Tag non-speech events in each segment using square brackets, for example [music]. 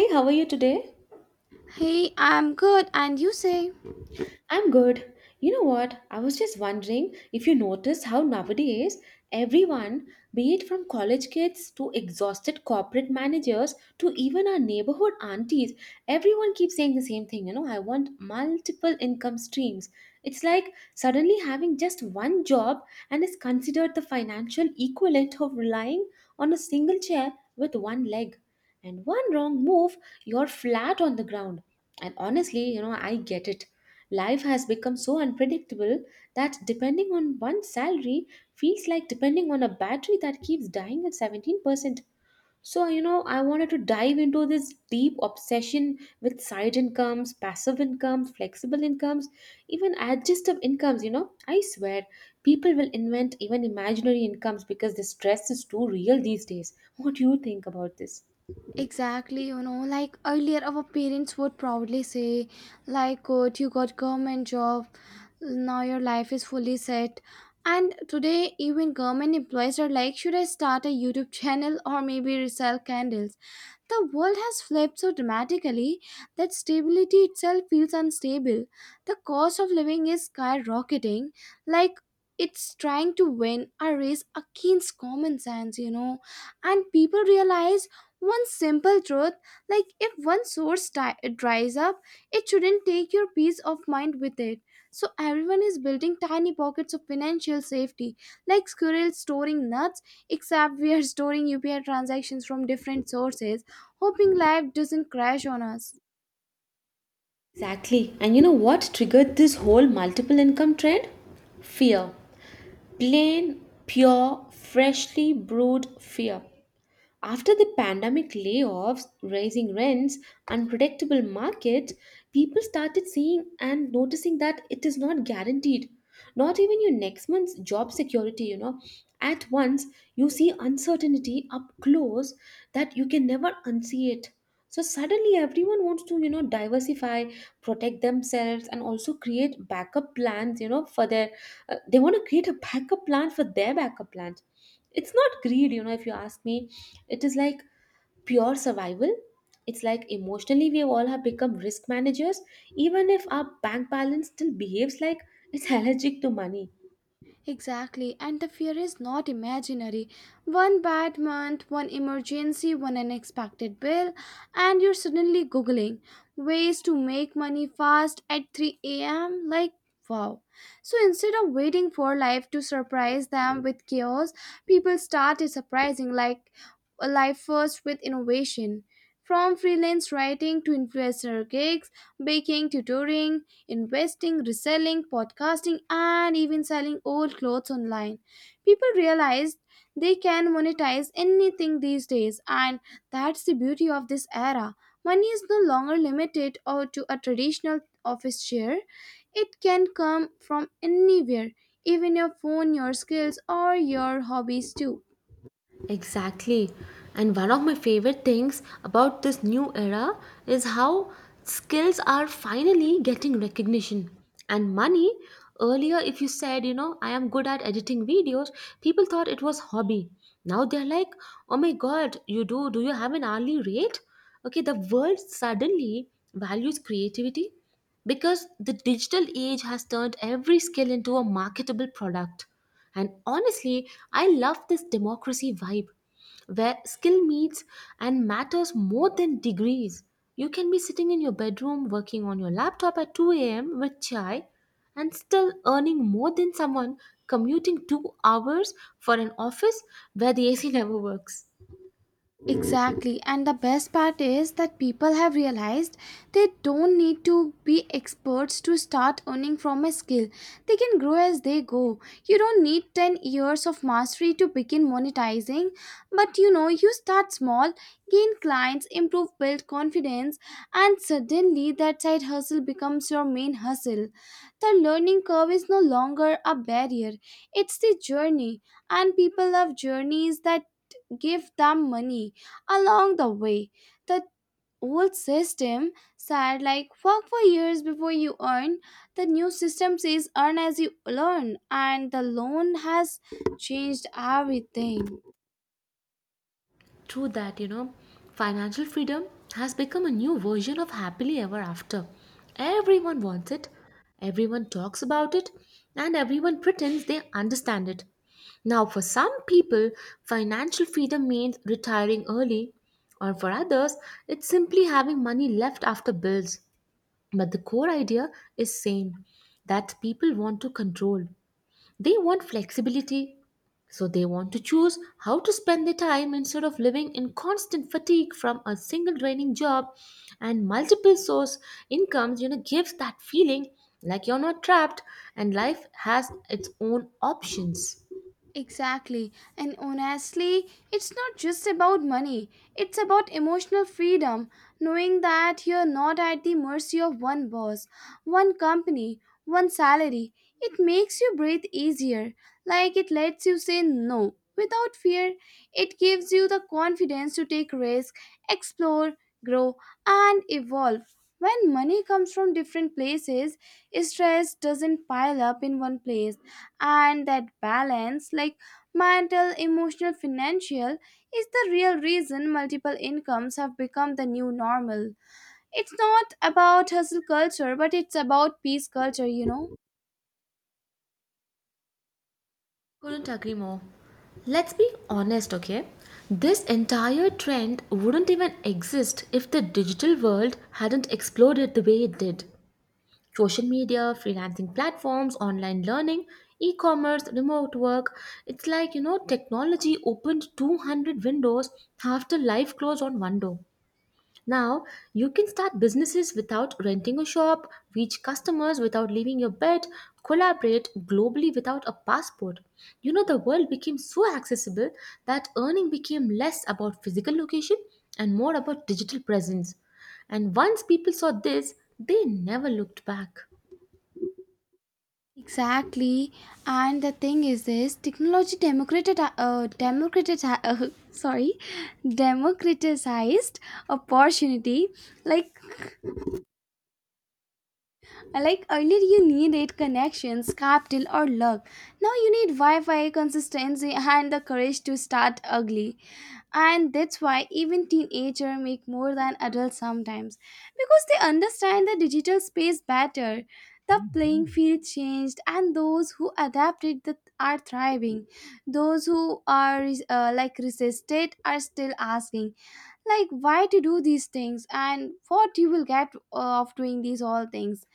Hey, how are you today? Hey, I'm good, and you say I'm good. You know what? I was just wondering if you notice how nowadays everyone, be it from college kids to exhausted corporate managers to even our neighborhood aunties, everyone keeps saying the same thing. You know, I want multiple income streams. It's like suddenly having just one job and is considered the financial equivalent of relying on a single chair with one leg. And one wrong move, you're flat on the ground. And honestly, I get it. Life has become so unpredictable that depending on one's salary feels like depending on a battery that keeps dying at 17%. So, I wanted to dive into this deep obsession with side incomes, passive incomes, flexible incomes, even adjustive incomes. You know, I swear people will invent even imaginary incomes because the stress is too real these days. What do you think about this? exactly, like earlier our parents would proudly say, good, you got government job, now your life is fully set. And today, even government employees are like, should I start a YouTube channel or maybe resell candles? The world has flipped so dramatically that stability itself feels unstable. The cost of living is skyrocketing, like it's trying to win a race against common sense. And people realize one simple truth like, if one dries up, it shouldn't take your peace of mind with it. So, everyone is building tiny pockets of financial safety, like squirrels storing nuts, except we are [laughs] storing UPI transactions from different sources hoping life doesn't crash on us. Exactly. And you know what triggered this whole multiple income trend? Fear. Plain, pure, freshly brewed fear. After the pandemic layoffs, rising rents, unpredictable market, people started seeing and noticing that it is not guaranteed. Not even your next month's job security, you know. At once, you see uncertainty up close that you can never unsee it. So suddenly, everyone wants to, diversify, protect themselves, and also create backup plans, they want to create a backup plan for their backup plans. It's not greed, you know. If you ask me, it is like pure survival. It's like emotionally we all have become risk managers, even if our bank balance still behaves like it's [laughs] allergic to money. Exactly, and the fear is not imaginary. One bad month, one emergency, one unexpected bill, and you're suddenly Googling ways to make money fast at 3 a.m. Like, wow. So instead of waiting for life to surprise them with chaos, people started surprising like life first with innovation. From freelance writing to influencer gigs, baking, tutoring, investing, reselling, podcasting, and even selling old clothes online. People realize they can monetize anything these days, and that's the beauty of this era. Money is no longer limited or to a traditional office chair. It can come from anywhere, even your phone, your skills, or your hobbies too. Exactly. And one of my favorite things about this new era is how skills are finally getting recognition and money. Earlier, if you said, I am good at editing videos, people thought it was hobby. Now they're like, oh my god, you do? Do you have an hourly rate? Okay, the world suddenly values creativity because the digital age has turned every skill into a marketable product. And honestly, I love this democracy vibe where skill meets and matters more than degrees. You can be sitting in your bedroom working on your laptop at 2 a.m. with chai and still earning more than someone commuting 2 hours for an office where the AC [laughs] never works. Exactly. And the best part is that people have realized they don't need to be experts to start earning from a skill. They can grow as they go. You don't need 10 years of mastery to begin monetizing, but you start small, gain clients, improve build confidence, and suddenly that side hustle becomes your main hustle. The learning curve is no longer a barrier, it's the journey, and people love journeys that give them money along the way. The old system said like work for years before you earn. The new system says earn as you learn and the loan has changed everything. True that, you know, financial freedom has become a new version of happily ever after. Everyone wants it, everyone talks about it, and everyone pretends they understand it. Now, for some people, financial freedom means retiring early, or for others, it's simply having money left after bills. But the core idea is same, that people want to control, they want flexibility, so they want to choose how to spend their time instead of living in constant fatigue from a single draining job, and multiple source incomes, you know, gives that feeling like you're not trapped and life has its own options. Exactly. And honestly, it's not just about money, it's about emotional freedom, knowing that you're not at the mercy of one boss, one company, one salary. It makes you breathe easier, like it lets you say no without fear. It gives you the confidence to take risks, explore, grow, and evolve. When money comes from different places, stress doesn't pile up in one place and that balance like mental emotional financial is the real reason multiple incomes have become the new normal. It's not about hustle culture but it's about peace culture. Couldn't agree more. Let's be honest, okay? This entire trend wouldn't even exist if the digital world hadn't exploded the way it did. Social media, freelancing platforms, online learning, e commerce, remote work. It's like, technology opened 200 windows after life closed on one door. Now, you can start businesses without renting a shop, reach customers without leaving your bed, collaborate globally without a passport. You know, the world became so accessible that earning became less about physical location and more about digital presence. And once people saw this, they never looked back. Exactly, and the thing is this: technology democrated, democrated, [laughs] sorry, democratized opportunity. Like Like earlier, you needed connections, capital, or luck. Now you need Wi Fi, consistency, and the courage to start ugly and that's why even teenagers make more than adults sometimes because they understand the digital space better. The playing field changed and those who adapted are thriving. Those who are like resisted are still asking like why to do these things and what you will get of doing these all things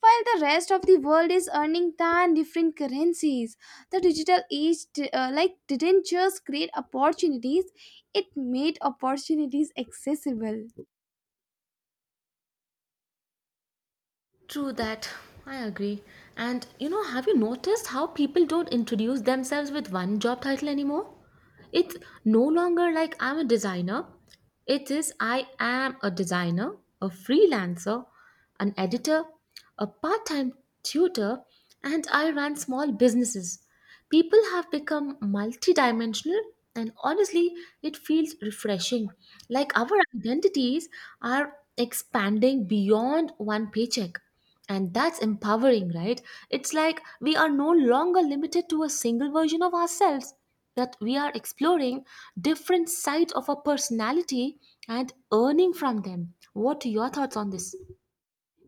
while the rest of the world is earning tan different currencies. The digital age like didn't just create opportunities, it made opportunities accessible. True that. I agree. And you know, have you noticed how people don't introduce themselves with one job title anymore? It's no longer like I'm a designer. It is I am a designer, a freelancer, an editor, a part time tutor, and I run small businesses. People have become multidimensional, and honestly, it feels refreshing. Like our identities are expanding beyond one paycheck. And that's empowering, right? It's like we are no longer limited to a single version of ourselves, that we are exploring different sides of our personality and earning from them. What are your thoughts on this?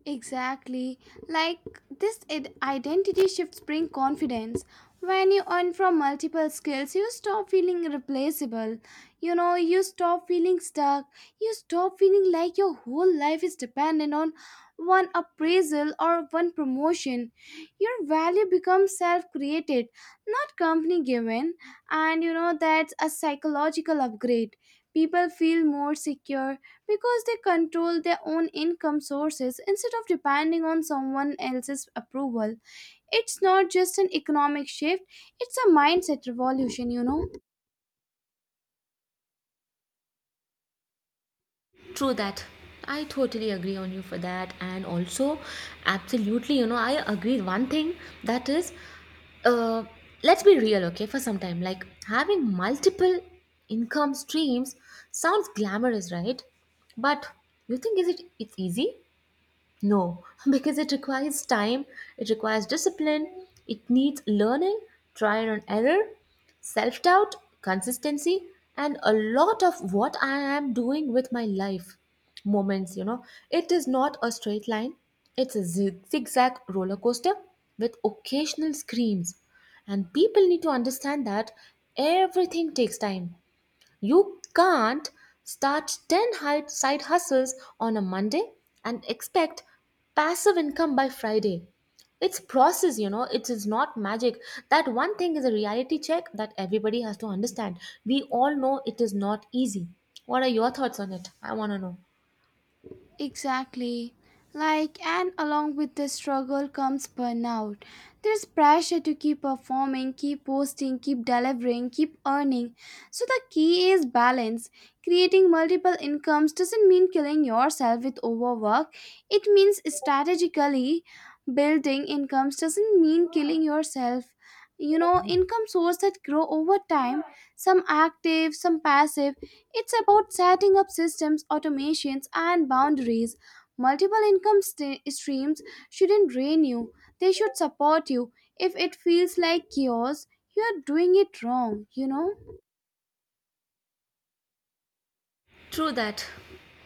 Exactly. Like this identity shifts bring confidence. When you earn from multiple skills, you stop feeling replaceable. You know, you stop feeling stuck. You stop feeling like your whole life is dependent on one appraisal or one promotion. Your value becomes self created, not company given. And you know, that's a psychological upgrade. People feel more secure because they control their own income sources instead of depending on someone else's approval. It's not just an economic shift, it's a mindset revolution, you know. True that. I totally agree on you for that. And also, absolutely, you know, I agree. One thing that is, uh, let's be real, okay, for some time. Like having multiple income streams sounds glamorous, right? But you think is it it's easy? No, [laughs] because it requires time, it requires discipline, it needs learning, trial and error, self doubt, consistency, and a lot of what I am doing with my life moments. You know, it is not a straight line, it's a zigzag roller coaster with occasional screams. And people need to understand that everything takes time. You can't start 10 side hustles on a Monday and expect passive income by Friday. It's process, you know, it is not magic. That one thing is a reality check that everybody has to understand. We all know it is not easy. What are your thoughts on it? I want to know. Exactly. Like, and along with the struggle comes burnout. There's pressure to keep performing, keep posting, keep delivering, keep earning. So, the key is balance. Creating multiple incomes doesn't mean killing yourself with overwork, it means strategically building incomes, doesn't mean killing yourself. You know, income sources that grow over time, some active, some passive, it's about setting up systems, automations, and boundaries. Multiple income streams shouldn't drain you, they should support you. If it feels like chaos, you're doing it wrong, you know? True that.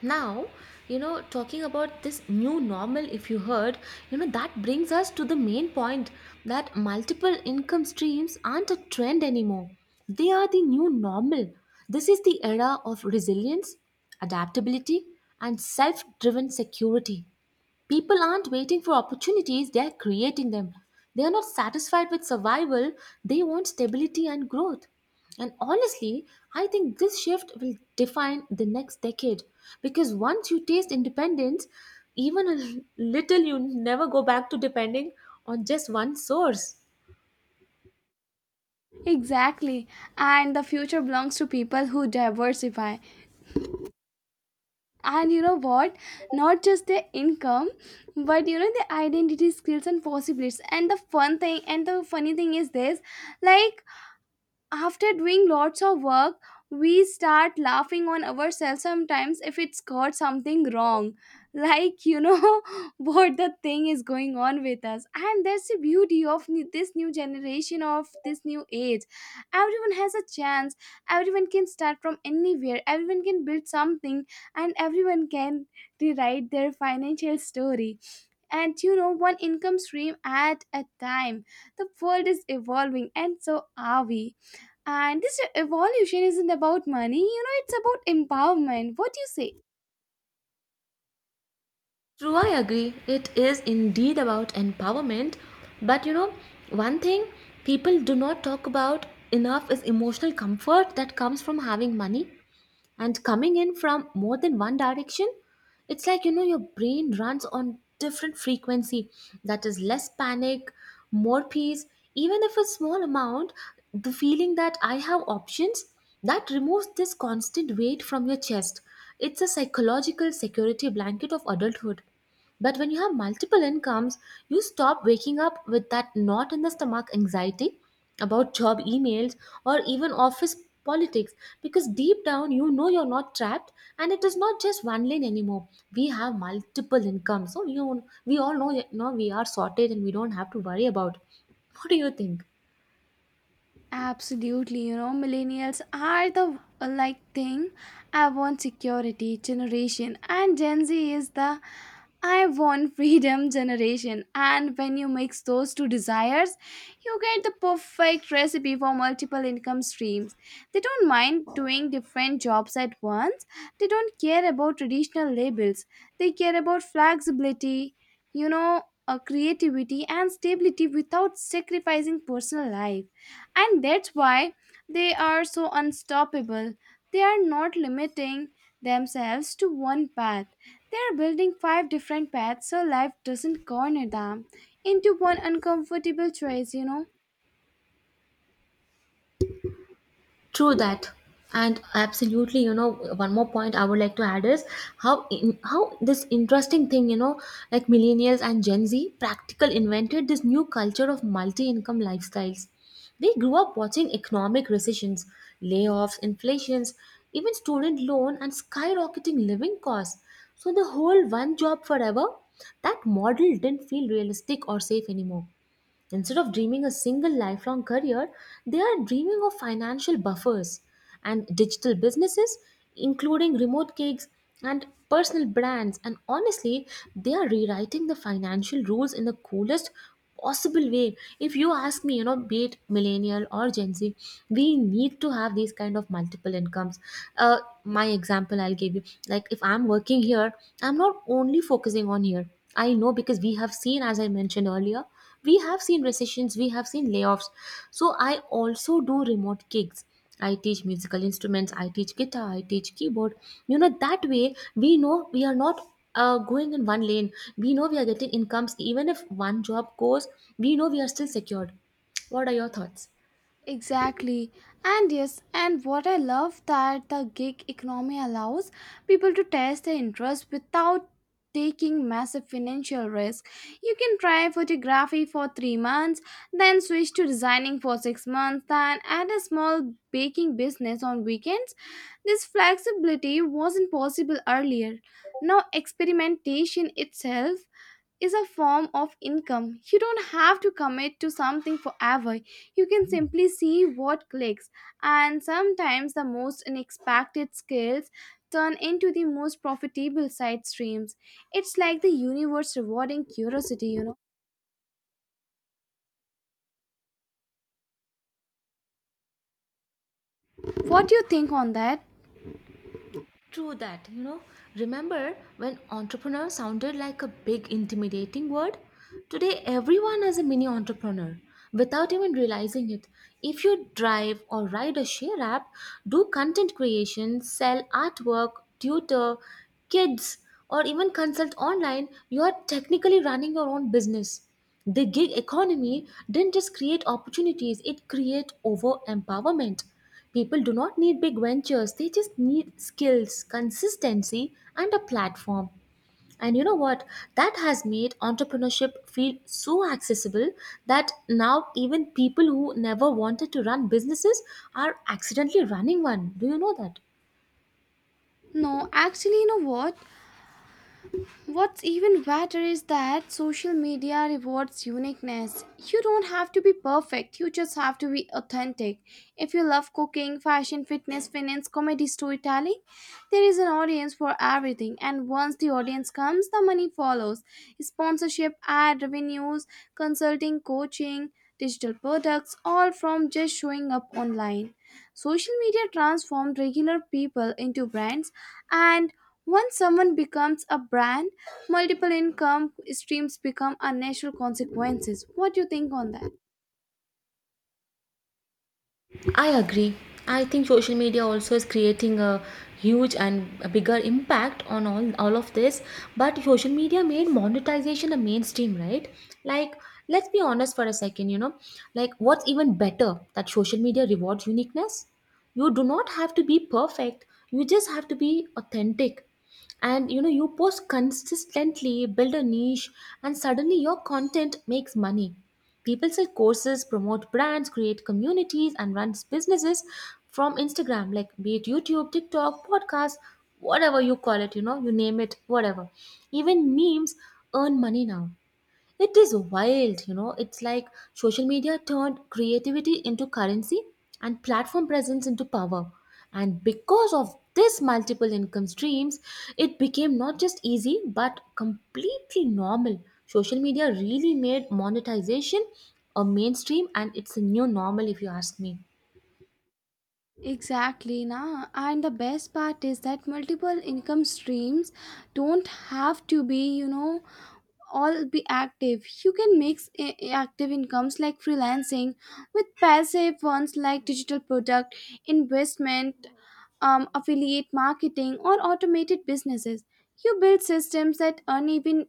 Now, talking about this new normal, if you heard, that brings us to the main point that multiple income streams aren't a trend anymore. They are the new normal. This is the era of resilience, adaptability, and self driven security. People aren't waiting for opportunities, they're creating them. They are not satisfied with survival, they want stability and growth. And honestly, I think this shift will define the next decade because once you taste independence, even a little, you never go back to depending on just one source. Exactly. And the future belongs to people who diversify. And you know what? Not just their income, but you know the identity, skills, and possibilities. And the fun thing and the funny thing is this like after doing lots of work we start laughing on ourselves sometimes if it's got something wrong [laughs] like you know [laughs] what the thing is going on with us and that's the beauty of this new generation of this new age. Everyone has a chance, everyone can start from anywhere, everyone can build something, and everyone can rewrite their financial story, and you know one income stream at a time. The world is evolving and so are we, and this evolution isn't about money, you know, it's about empowerment. What do you say? True, I agree. It is indeed about empowerment. But you know, one thing people do not talk about enough is emotional comfort that comes from having money and coming in from more than one direction. It's like, your brain runs on different frequency, that is less panic, more peace. Even if a small amount, the feeling that I have options, that removes this constant weight from your chest. It's a psychological security blanket of adulthood. But when you have multiple incomes, you stop waking up with that knot in the stomach anxiety about job emails or even office politics, because deep down you know you're not trapped and it is not just one lane anymore. We have multiple incomes. So you we all know, we are sorted and we don't have to worry about. What do you think? Absolutely, you know, millennials are the like thing I want security generation, and Gen Z is the I want freedom generation. And when you mix those two desires, you get the perfect recipe for multiple income streams. They don't mind doing different jobs at once, they don't care about traditional labels, they care about flexibility, you know, creativity, and stability without sacrificing personal life and that's why they are so unstoppable. They are not limiting themselves to one path. They are building five different paths so life doesn't corner them into one uncomfortable choice, you know. True that. And absolutely, one more point I would like to add is how this interesting thing, like millennials and Gen Z practical invented this new culture of multi-income lifestyles. They grew up watching economic recessions, layoffs, inflations, even student loan and skyrocketing living costs. So the whole one job forever, that model didn't feel realistic or safe anymore. Instead of dreaming a single lifelong career, they are dreaming of financial buffers and digital businesses, including remote gigs and personal brands. And honestly, they are rewriting the financial rules in the coolest possible way. If you ask me, be it millennial or Gen Z, we need to have these kind of multiple incomes. My example I'll give you, like if I'm working here, I'm not only focusing on here. I know, because we have seen, as I mentioned earlier, we have seen recessions, we have seen layoffs, so I also do remote gigs. I teach musical instruments, I teach guitar, I teach keyboard. You know, that way we know we are not going in one lane. We know we are getting incomes. Even if one job goes, we know we are still secured. What are your thoughts? Exactly. And yes, and what I love that the gig economy allows people to test their interest without taking massive financial risk. You can try photography for 3 months, then switch to designing for 6 months, then add a small baking business on weekends. This flexibility wasn't possible earlier. Now experimentation itself is a form of income. You don't have to commit to something forever. You can simply see what clicks, and sometimes the most unexpected skills turn into the most profitable side streams. It's like the universe rewarding curiosity, you know. What do you think on that? True that, you know. Remember when entrepreneur sounded like a big intimidating word? Today, everyone is a mini entrepreneur without even realizing it. If you drive or ride a share app, do content creation, sell artwork, tutor kids, or even consult online, you are technically running your own business. The gig economy didn't just create opportunities, it created over empowerment. People do not need big ventures, they just need skills, consistency, and a platform. And you know what? That has made entrepreneurship feel so accessible that now even people who never wanted to run businesses are accidentally running one. Do you know that? No, actually, you know what? What's even better is that social media rewards uniqueness. You don't have to be perfect, you just have to be authentic. If you love cooking, fashion, fitness, finance, comedy, storytelling, there is an audience for everything. And once the audience comes, the money follows sponsorship, ad revenues, consulting, coaching, digital products, all from just showing up online. Social media transformed regular people into brands, and once someone becomes a brand, multiple income streams become a natural consequences. What do you think on that? I agree. I think social media also is creating a huge and a bigger impact on all of this. But social media made monetization a mainstream, right? Like, let's be honest for a second, like what's even better that social media rewards uniqueness? You do not have to be perfect, you just have to be authentic, and you know, you post consistently, build a niche, and suddenly your content makes money. People sell courses, promote brands, create communities, and runs businesses from Instagram. Like, be it YouTube, TikTok, podcast, whatever you call it, you know, you name it, whatever. Even memes earn money now. It is wild, you know. It's like social media turned creativity into currency and platform presence into power. And because of this multiple income streams, it became not just easy but completely normal. Social media really made monetization a mainstream, and it's a new normal if you ask me. Exactly, na. And the best part is that multiple income streams don't have to be, you know, all be active. You can mix active incomes like freelancing with passive ones like digital product investment, affiliate marketing or automated businesses. You build systems that earn even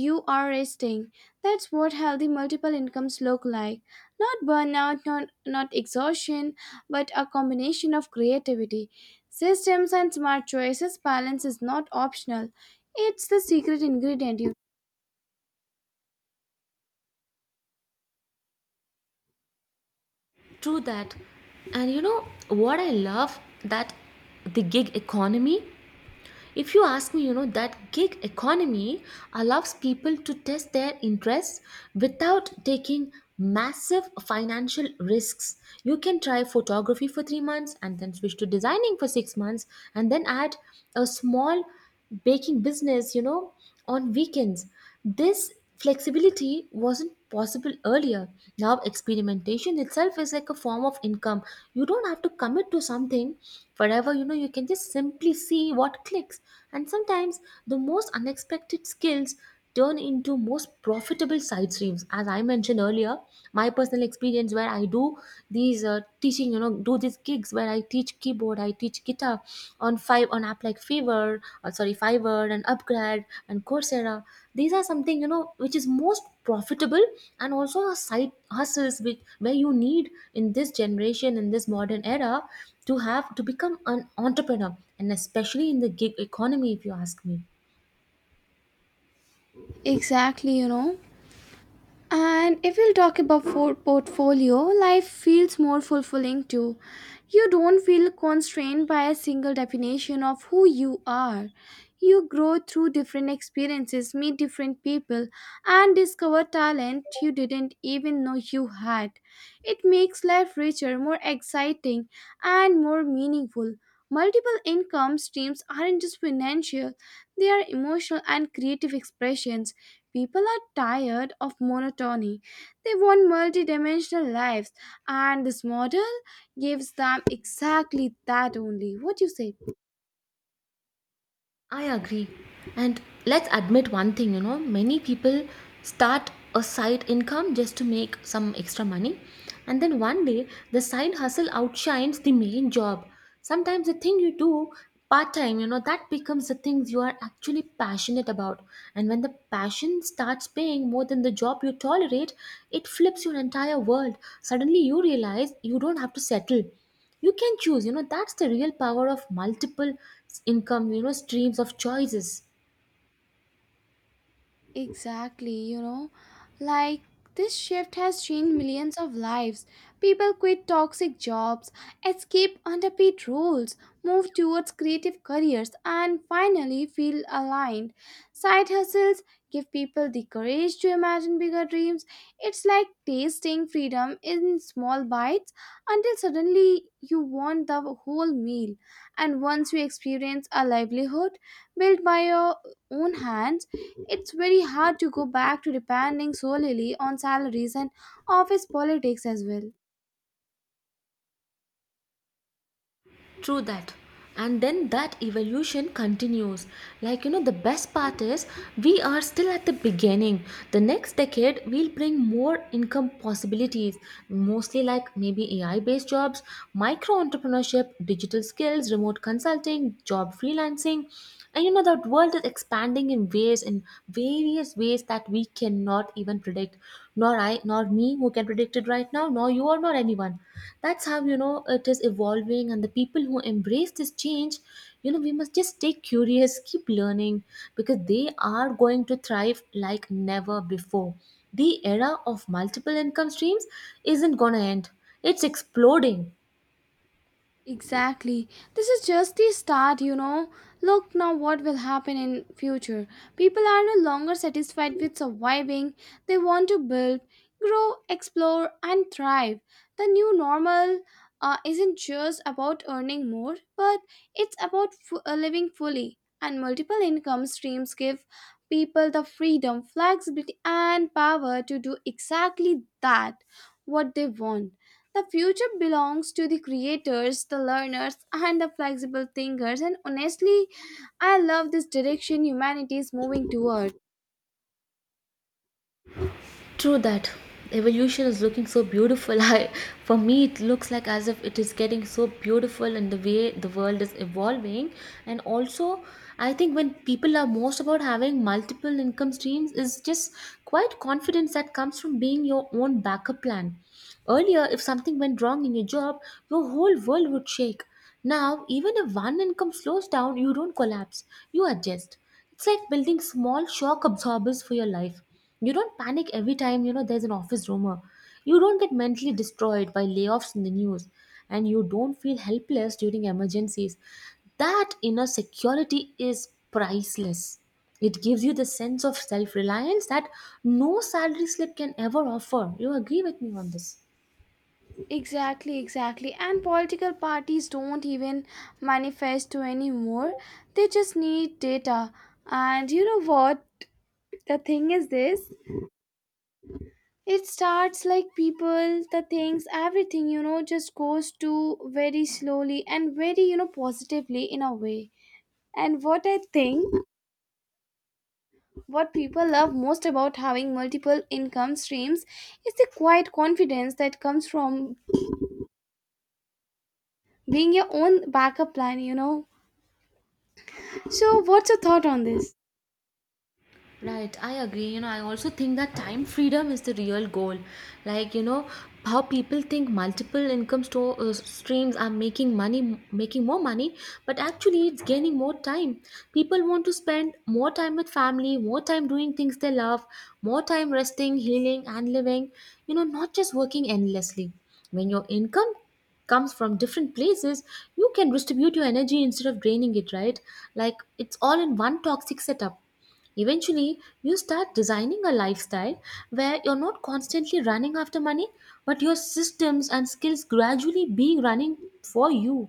you are resting. That's what healthy multiple incomes look like, not burnout, not exhaustion, but a combination of creativity, systems and smart choices. Balance is not optional, it's the secret ingredient. True that. And you know what I love that the gig economy, if you ask me, you know, that gig economy allows people to test their interests without taking massive financial risks. You can try photography for 3 months and then switch to designing for 6 months and then add a small baking business, you know, on weekends. This flexibility wasn't possible earlier. Now, experimentation itself is like a form of income. You don't have to commit to something forever, you know, you can just simply see what clicks. And sometimes the most unexpected skills turn into most profitable side streams. As I mentioned earlier, my personal experience where I do these teaching, you know, do these gigs where I teach keyboard, I teach guitar on five on app like Fiverr or sorry Fiverr and Upgrad and Coursera. These are something, you know, which is most profitable and also a side hustles which where you need in this generation, in this modern era, to have to become an entrepreneur, and especially in the gig economy if you ask me. Exactly, you know. And if we'll talk about for portfolio, life feels more fulfilling too. You don't feel constrained by a single definition of who you are. You grow through different experiences, meet different people, and discover talent you didn't even know you had. It makes life richer, more exciting, and more meaningful. Multiple income streams aren't just financial, they are emotional and creative expressions. People are tired of monotony. They want multidimensional lives, and this model gives them exactly that only. What do you say? I agree. And let's admit one thing, you know, many people start a side income just to make some extra money. And then one day, the side hustle outshines the main job. Sometimes the thing you do part time, you know, that becomes the things you are actually passionate about. And when the passion starts paying more than the job you tolerate, it flips your entire world. Suddenly you realize you don't have to settle, you can choose, you know, that's the real power of multiple income, you know, streams of choices. Exactly, you know, like this shift has changed millions of lives. People quit toxic jobs, escape underpaid roles, move towards creative careers, and finally feel aligned. Side hustles give people the courage to imagine bigger dreams. It's like tasting freedom in small bites until suddenly you want the whole meal. And once you experience a livelihood built by your own hands, it's very hard to go back to depending solely on salaries and office politics as well. True that. And then that evolution continues. Like, you know, the best part is we are still at the beginning. The next decade will bring more income possibilities, mostly like maybe AI based jobs, micro entrepreneurship, digital skills, remote consulting, job freelancing. And you know, that world is expanding in ways, in various ways that we cannot even predict. Nor I, nor me who can predict it right now, nor you or nor anyone. That's how, you know, it is evolving. And the people who embrace this change, you know, we must just stay curious, keep learning, because they are going to thrive like never before. The era of multiple income streams isn't going to end, it's exploding. Exactly. This is just the start, you know. Look now what will happen in future. People are no longer satisfied with surviving. They want to build, grow, explore and thrive. The new normal isn't just about earning more, but it's about living fully. And multiple income streams give people the freedom, flexibility and power to do exactly that what they want. The future belongs to the creators, the learners, and the flexible thinkers. And honestly, I love this direction humanity is moving toward. True that. Evolution is looking so beautiful. [laughs] I, for me, it looks like as if it is getting so beautiful in the way the world is evolving. And also, I think when people are most about having multiple income streams is just quite confidence that comes from being your own backup plan. Earlier, if something went wrong in your job, your whole world would shake. Now, even if one income slows down, you don't collapse, you adjust. It's like building small shock absorbers for your life. You don't panic every time, you know, there's an office rumor. You don't get mentally destroyed by layoffs in the news, and you don't feel helpless during emergencies. That inner security is priceless. It gives you the sense of self reliance that no salary slip can ever offer. You agree with me on this? Exactly, exactly. And political parties don't even manifesto anymore. They just need data. And you know what? The thing is this. It starts like people, the things, everything, you know, just goes to very slowly and very, you know, positively in a way. And what I think. What people love most about having multiple income streams is the quiet confidence that comes from being your own backup plan, you know. So, what's your thought on this? Right, I agree. You know, I also think that time freedom is the real goal. Like, you know, how people think multiple income streams are making money, making more money, but actually it's gaining more time. People want to spend more time with family, more time doing things they love, more time resting, healing, and living, you know, not just working endlessly. When your income comes from different places, you can distribute your energy instead of draining it, right? Like, it's all in one toxic setup. Eventually, you start designing a lifestyle where you're not constantly running after money, but your systems and skills gradually being running for you.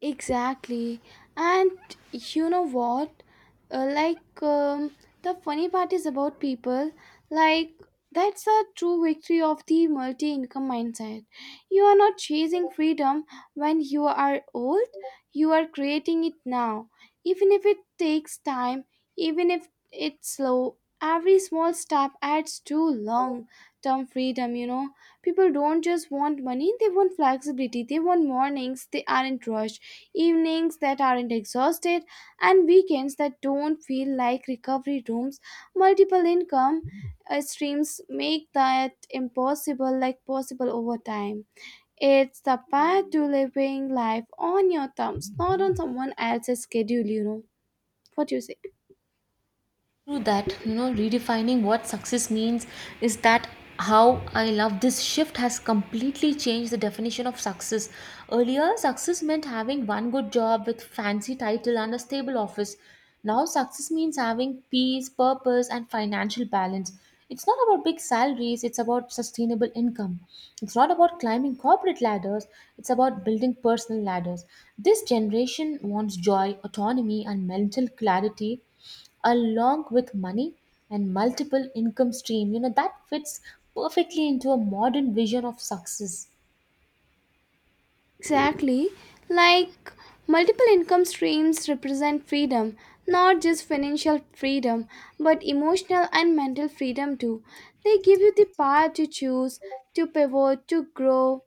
Exactly. And you know what? Uh, like, um, the funny part is about people, like, that's the true victory of the multi income mindset. You are not chasing freedom when you are old, you are creating it now. Even if it takes time, even if it's slow, every small step adds to long term freedom, you know. People don't just want money, they want flexibility, they want mornings, they aren't rushed evenings that aren't exhausted, and weekends that don't feel like recovery rooms. Multiple income streams make that impossible like possible over time. It's the path to living life on your terms, not on someone else's schedule, you know. What do you say? True that, you know, redefining what success means is that how I love this shift has completely changed the definition of success. Earlier, success meant having one good job with fancy title and a stable office. Now, success means having peace, purpose, and financial balance. It's not about big salaries, it's about sustainable income. It's not about climbing corporate ladders, it's about building personal ladders. This generation wants joy, autonomy, and mental clarity along with money, and multiple income stream, you know, that fits perfectly into a modern vision of success. Exactly. Like multiple income streams represent freedom, not just financial freedom, but emotional and mental freedom too. They give you the power to choose, to pivot, to grow,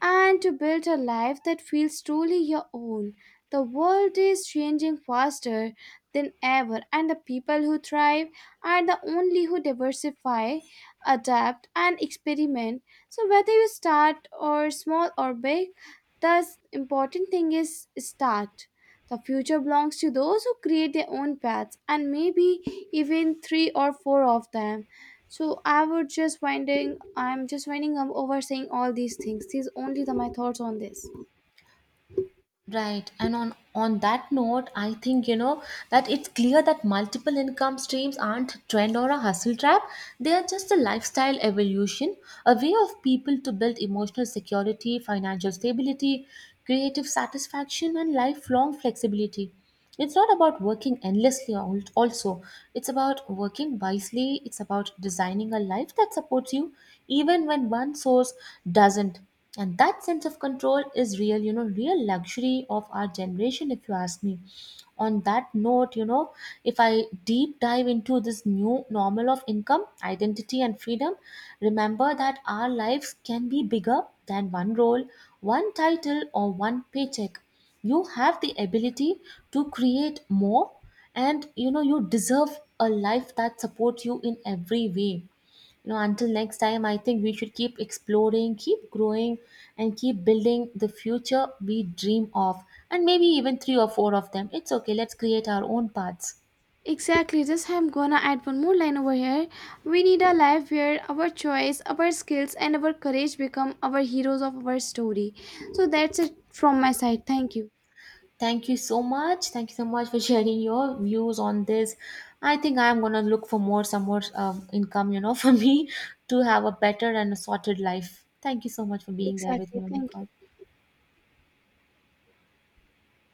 and to build a life that feels truly your own. The world is changing faster than ever, and the people who thrive are the only who diversify, adapt, and experiment. So, whether you start or small or big, the important thing is start. The future belongs to those who create their own paths and maybe even three or four of them. So I'm just winding up over saying all these things. These only the my thoughts on this. Right. And on that note, I think, you know, that it's clear that multiple income streams aren't a trend or a hustle trap. They are just a lifestyle evolution, a way of people to build emotional security, financial stability, creative satisfaction, and lifelong flexibility. It's not about working endlessly, also. It's about working wisely. It's about designing a life that supports you, even when one source doesn't. And that sense of control is real, you know, real luxury of our generation, if you ask me. On that note, you know, if I deep dive into this new normal of income, identity, and freedom, remember that our lives can be bigger than one role, one title, or one paycheck. You have the ability to create more, and you know you deserve a life that supports you in every way. You know, until next time, I think we should keep exploring, keep growing, and keep building the future we dream of, and maybe even three or four of them. It's okay, let's create our own paths. Exactly, just I'm gonna add one more line over here. We need a life where our choice, our skills and our courage become our heroes of our story. So that's it from my side. Thank you. Thank you so much. Thank you so much for sharing your views on this. I think I'm gonna look for more some more income, you know, [laughs] for me to have a better and a sorted life. Thank you so much for being there with Exactly, me on the thank call. you.